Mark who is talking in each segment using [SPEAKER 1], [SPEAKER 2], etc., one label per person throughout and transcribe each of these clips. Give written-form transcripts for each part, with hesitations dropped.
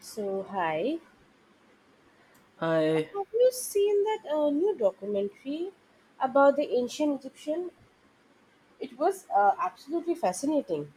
[SPEAKER 1] So, hi. Have
[SPEAKER 2] Hi.
[SPEAKER 1] you seen that new documentary about the ancient Egyptian? It was absolutely fascinating.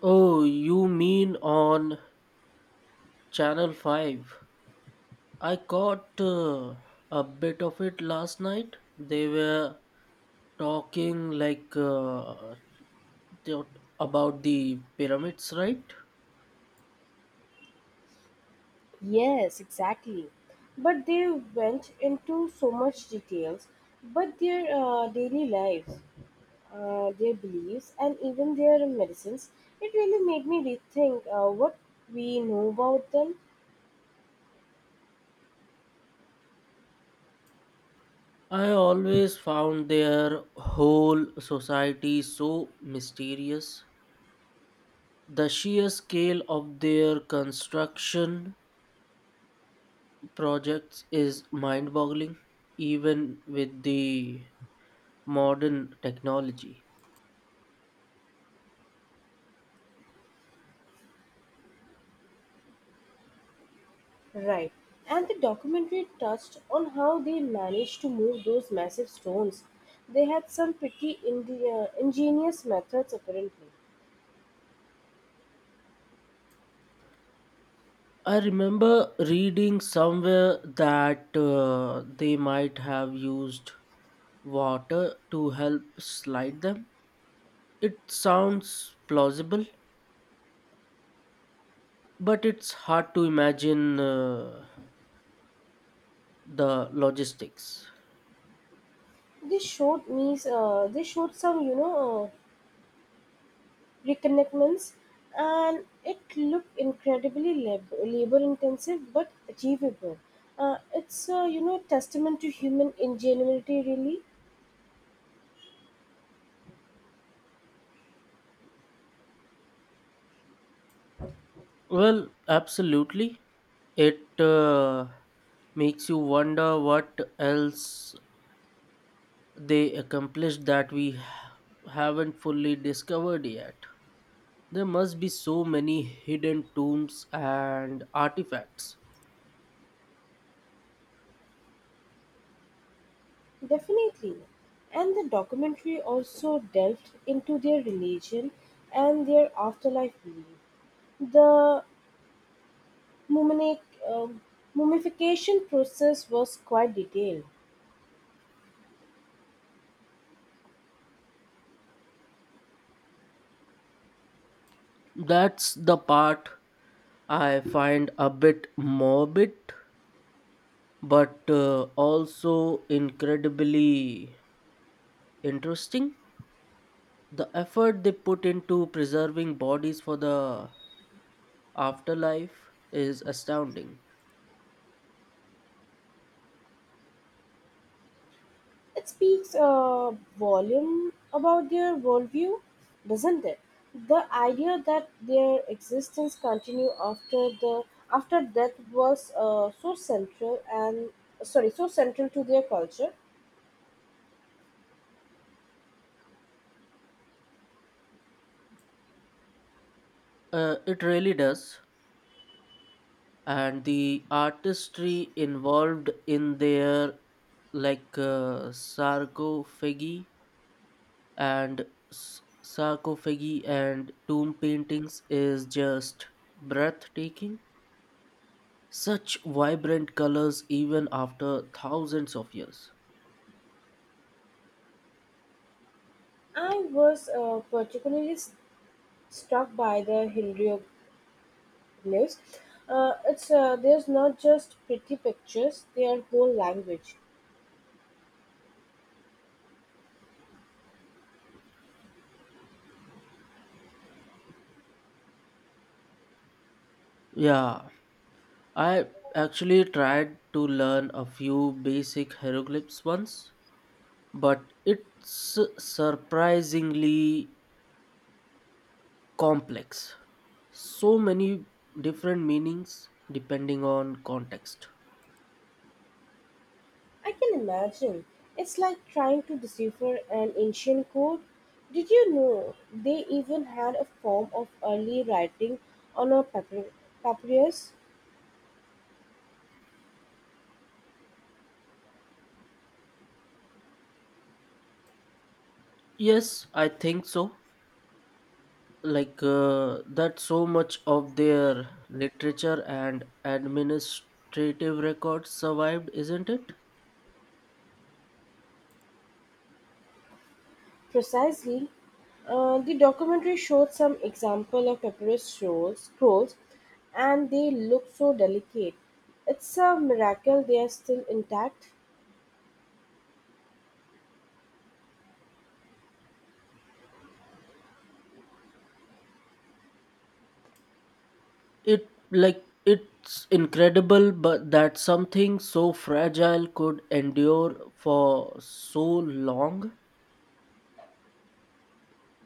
[SPEAKER 2] Oh, you mean on Channel 5? I caught a bit of it last night. They were talking like thought about the pyramids, right?
[SPEAKER 1] Yes, exactly. But they went into so much details, but their daily lives, their beliefs, and even their medicines. It really made me rethink what we know about them.
[SPEAKER 2] I always found their whole society so mysterious. The sheer scale of their construction projects is mind boggling, even with the modern technology.
[SPEAKER 1] Right. And the documentary touched on how they managed to move those massive stones. They had some pretty ingenious methods apparently.
[SPEAKER 2] I remember reading somewhere that they might have used water to help slide them. It sounds plausible, but it's hard to imagine the logistics.
[SPEAKER 1] They showed some reconnectments and it looked incredibly labor intensive but achievable. It's testament to human ingenuity really.
[SPEAKER 2] Well, absolutely. It makes you wonder what else they accomplished that we haven't fully discovered yet. There must be so many hidden tombs and artifacts.
[SPEAKER 1] Definitely. And the documentary also delved into their religion and their afterlife belief. The muminic, uh, mummification process was quite detailed.
[SPEAKER 2] That's the part I find a bit morbid, but also incredibly interesting. The effort they put into preserving bodies for the afterlife is astounding.
[SPEAKER 1] It speaks a volume about their worldview, doesn't it? The idea that their existence continue after the after death was so central and sorry so central to their culture.
[SPEAKER 2] It really does. And the artistry involved in their like uh, sarcophagi and sarcophagi and tomb paintings is just breathtaking. Such vibrant colors even after thousands of years.
[SPEAKER 1] I was particularly struck by the hieroglyphs. It's there's not just pretty pictures; they are whole language.
[SPEAKER 2] Yeah, I actually tried to learn a few basic hieroglyphs once, but it's surprisingly complex. So many different meanings depending on context.
[SPEAKER 1] I can imagine. It's like trying to decipher an ancient code. Did you know they even had a form of early writing on a papyrus?
[SPEAKER 2] Yes, I think so. That so much of their literature and administrative records survived, isn't it?
[SPEAKER 1] Precisely. The documentary showed some example of papyrus scrolls, and they look so delicate. It's a miracle they are still intact.
[SPEAKER 2] It it's incredible but that something so fragile could endure for so long.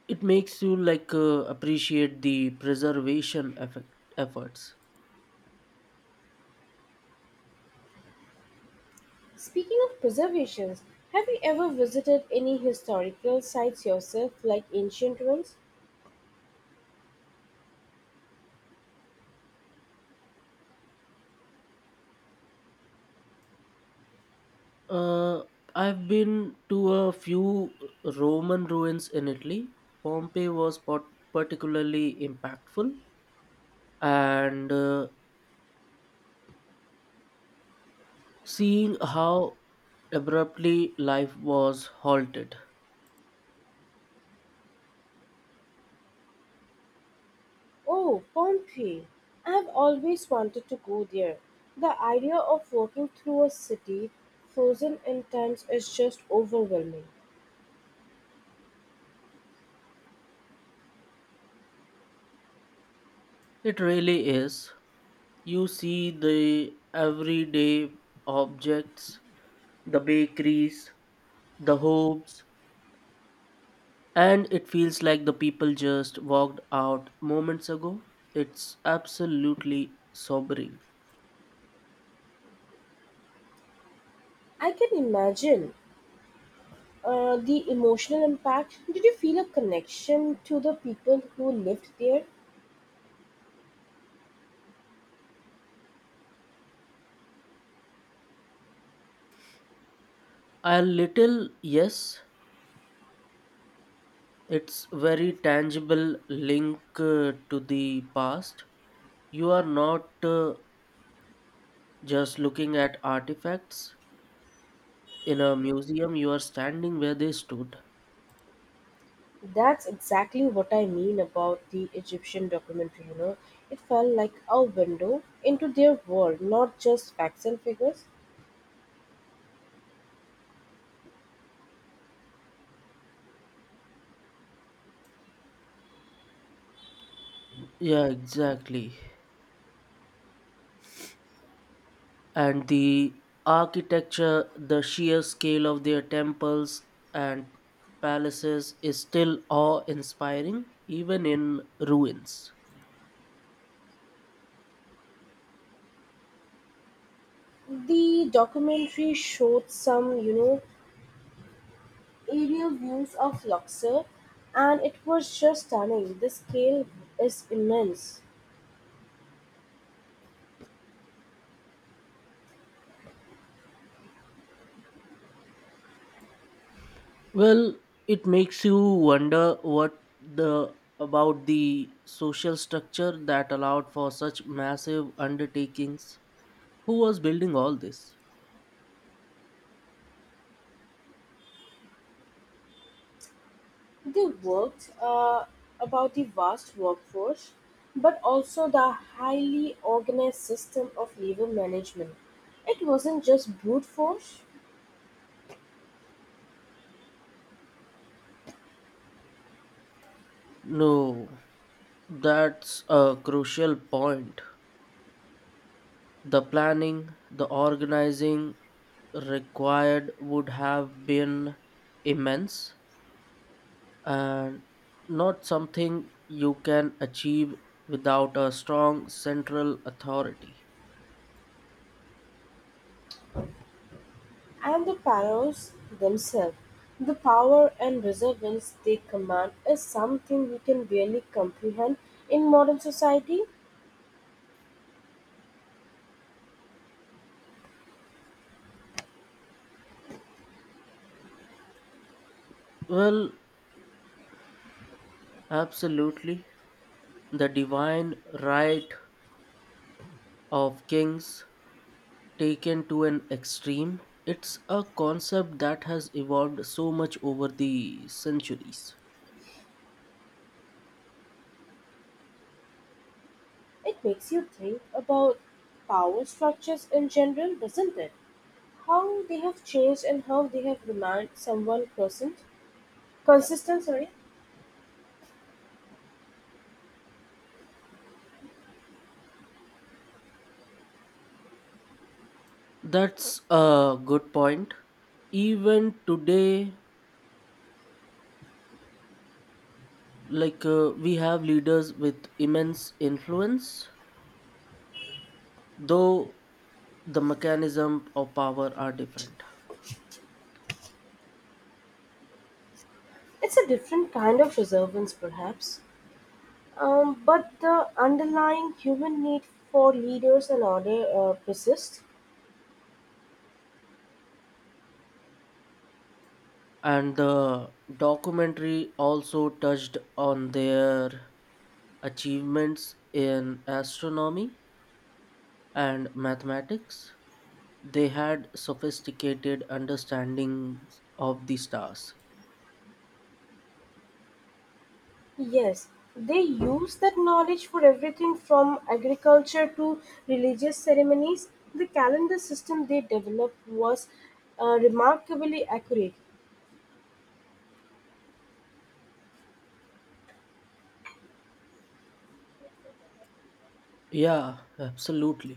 [SPEAKER 2] It makes you appreciate the preservation efforts.
[SPEAKER 1] Speaking of preservations, have you ever visited any historical sites yourself, like ancient ones?
[SPEAKER 2] uh, I've been to a few Roman ruins in Italy. Pompeii was particularly impactful, and seeing how abruptly life was halted.
[SPEAKER 1] Oh, Pompeii! I have always wanted to go there. The idea of walking through a city frozen in time is just overwhelming.
[SPEAKER 2] It really is. You see the everyday objects, the bakeries, the homes, and it feels like the people just walked out moments ago. It's absolutely sobering.
[SPEAKER 1] I can imagine the emotional impact. Did you feel a connection to the people who lived there?
[SPEAKER 2] A little, yes, it's very tangible link to the past. You are not just looking at artifacts in a museum, you are standing where they stood.
[SPEAKER 1] That's exactly what I mean about the Egyptian documentary, you know. It felt like a window into their world, not just facts and figures.
[SPEAKER 2] Yeah, exactly. And the architecture, the sheer scale of their temples and palaces is still awe inspiring, even in ruins.
[SPEAKER 1] The documentary showed some, you know, aerial views of Luxor, and it was just stunning. The scale is immense.
[SPEAKER 2] Well, it makes you wonder what the about the social structure that allowed for such massive undertakings. Who was building all this?
[SPEAKER 1] They worked about the vast workforce, but also the highly organized system of labor management. It wasn't just brute force.
[SPEAKER 2] No, that's a crucial point. The planning, the organizing required would have been immense, and not something you can achieve without a strong central authority.
[SPEAKER 1] And the pharaohs themselves, the power and resilience they command is something we can barely comprehend in modern society.
[SPEAKER 2] Well, absolutely. The divine right of kings taken to an extreme, it's a concept that has evolved so much over the centuries.
[SPEAKER 1] It makes you think about power structures in general, doesn't it? How they have changed and how they have remained somewhat constant, consistent. Sorry,
[SPEAKER 2] That's a good point. Even today, we have leaders with immense influence, though the mechanism of power are different.
[SPEAKER 1] it's a different kind of reservance, perhaps. But the underlying human need for leaders and order persists.
[SPEAKER 2] And the documentary also touched on their achievements in astronomy and mathematics. They had sophisticated understandings of the stars.
[SPEAKER 1] Yes, they use that knowledge for everything from agriculture to religious ceremonies. The calendar system they developed was remarkably accurate.
[SPEAKER 2] Yeah, absolutely.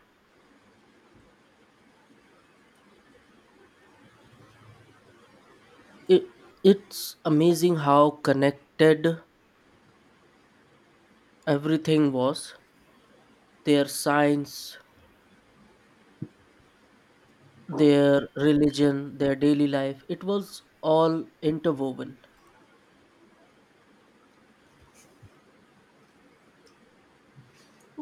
[SPEAKER 2] It, it's amazing how connected everything was, their science, their religion, their daily life. It was all interwoven.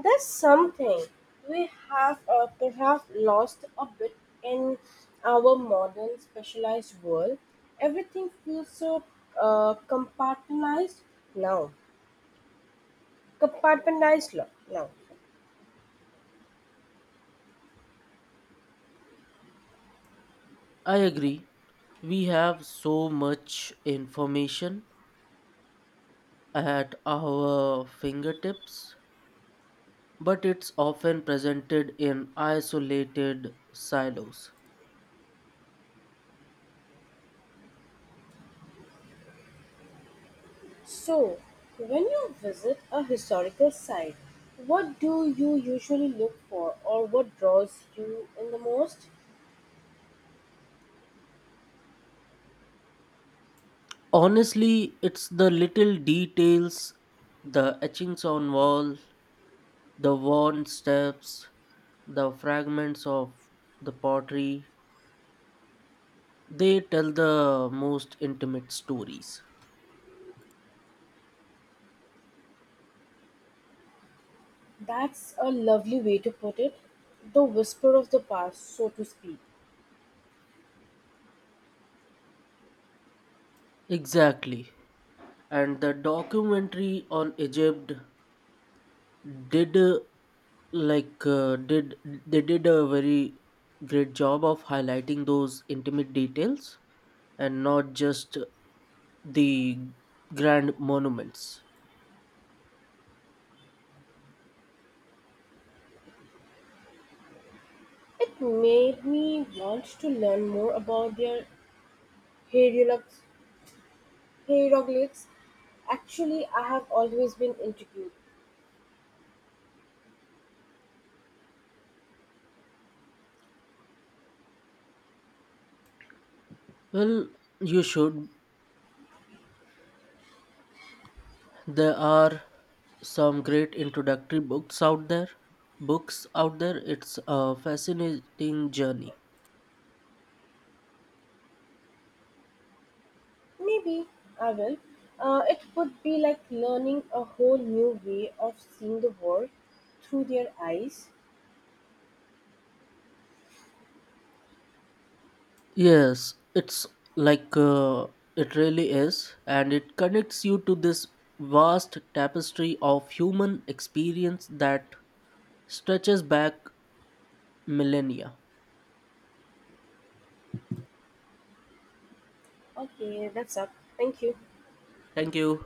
[SPEAKER 1] That's something we have perhaps lost a bit in our modern specialized world. Everything feels so compartmentalized now. Now.
[SPEAKER 2] I agree. We have so much information at our fingertips, but it's often presented in isolated silos.
[SPEAKER 1] So, when you visit a historical site, what do you usually look for or what draws you in the most?
[SPEAKER 2] Honestly, it's the little details, the etchings on wall, the worn steps, the fragments of the pottery, they tell the most intimate stories.
[SPEAKER 1] That's a lovely way to put it. The whisper of the past, so to speak.
[SPEAKER 2] Exactly, and the documentary on Egypt did like did they did a very great job of highlighting those intimate details and not just the grand monuments.
[SPEAKER 1] It made me want to learn more about their hieroglyphs. hieroglyphs. Actually, I have always been intrigued.
[SPEAKER 2] Well, you should. There are some great introductory books out there. It's a fascinating journey.
[SPEAKER 1] Maybe I will. It would be like learning a whole new way of seeing the world through their eyes.
[SPEAKER 2] Yes, it's like uh, it really is, and it connects you to this vast tapestry of human experience that stretches back millennia.
[SPEAKER 1] Okay, that's up. Thank you.
[SPEAKER 2] Thank you.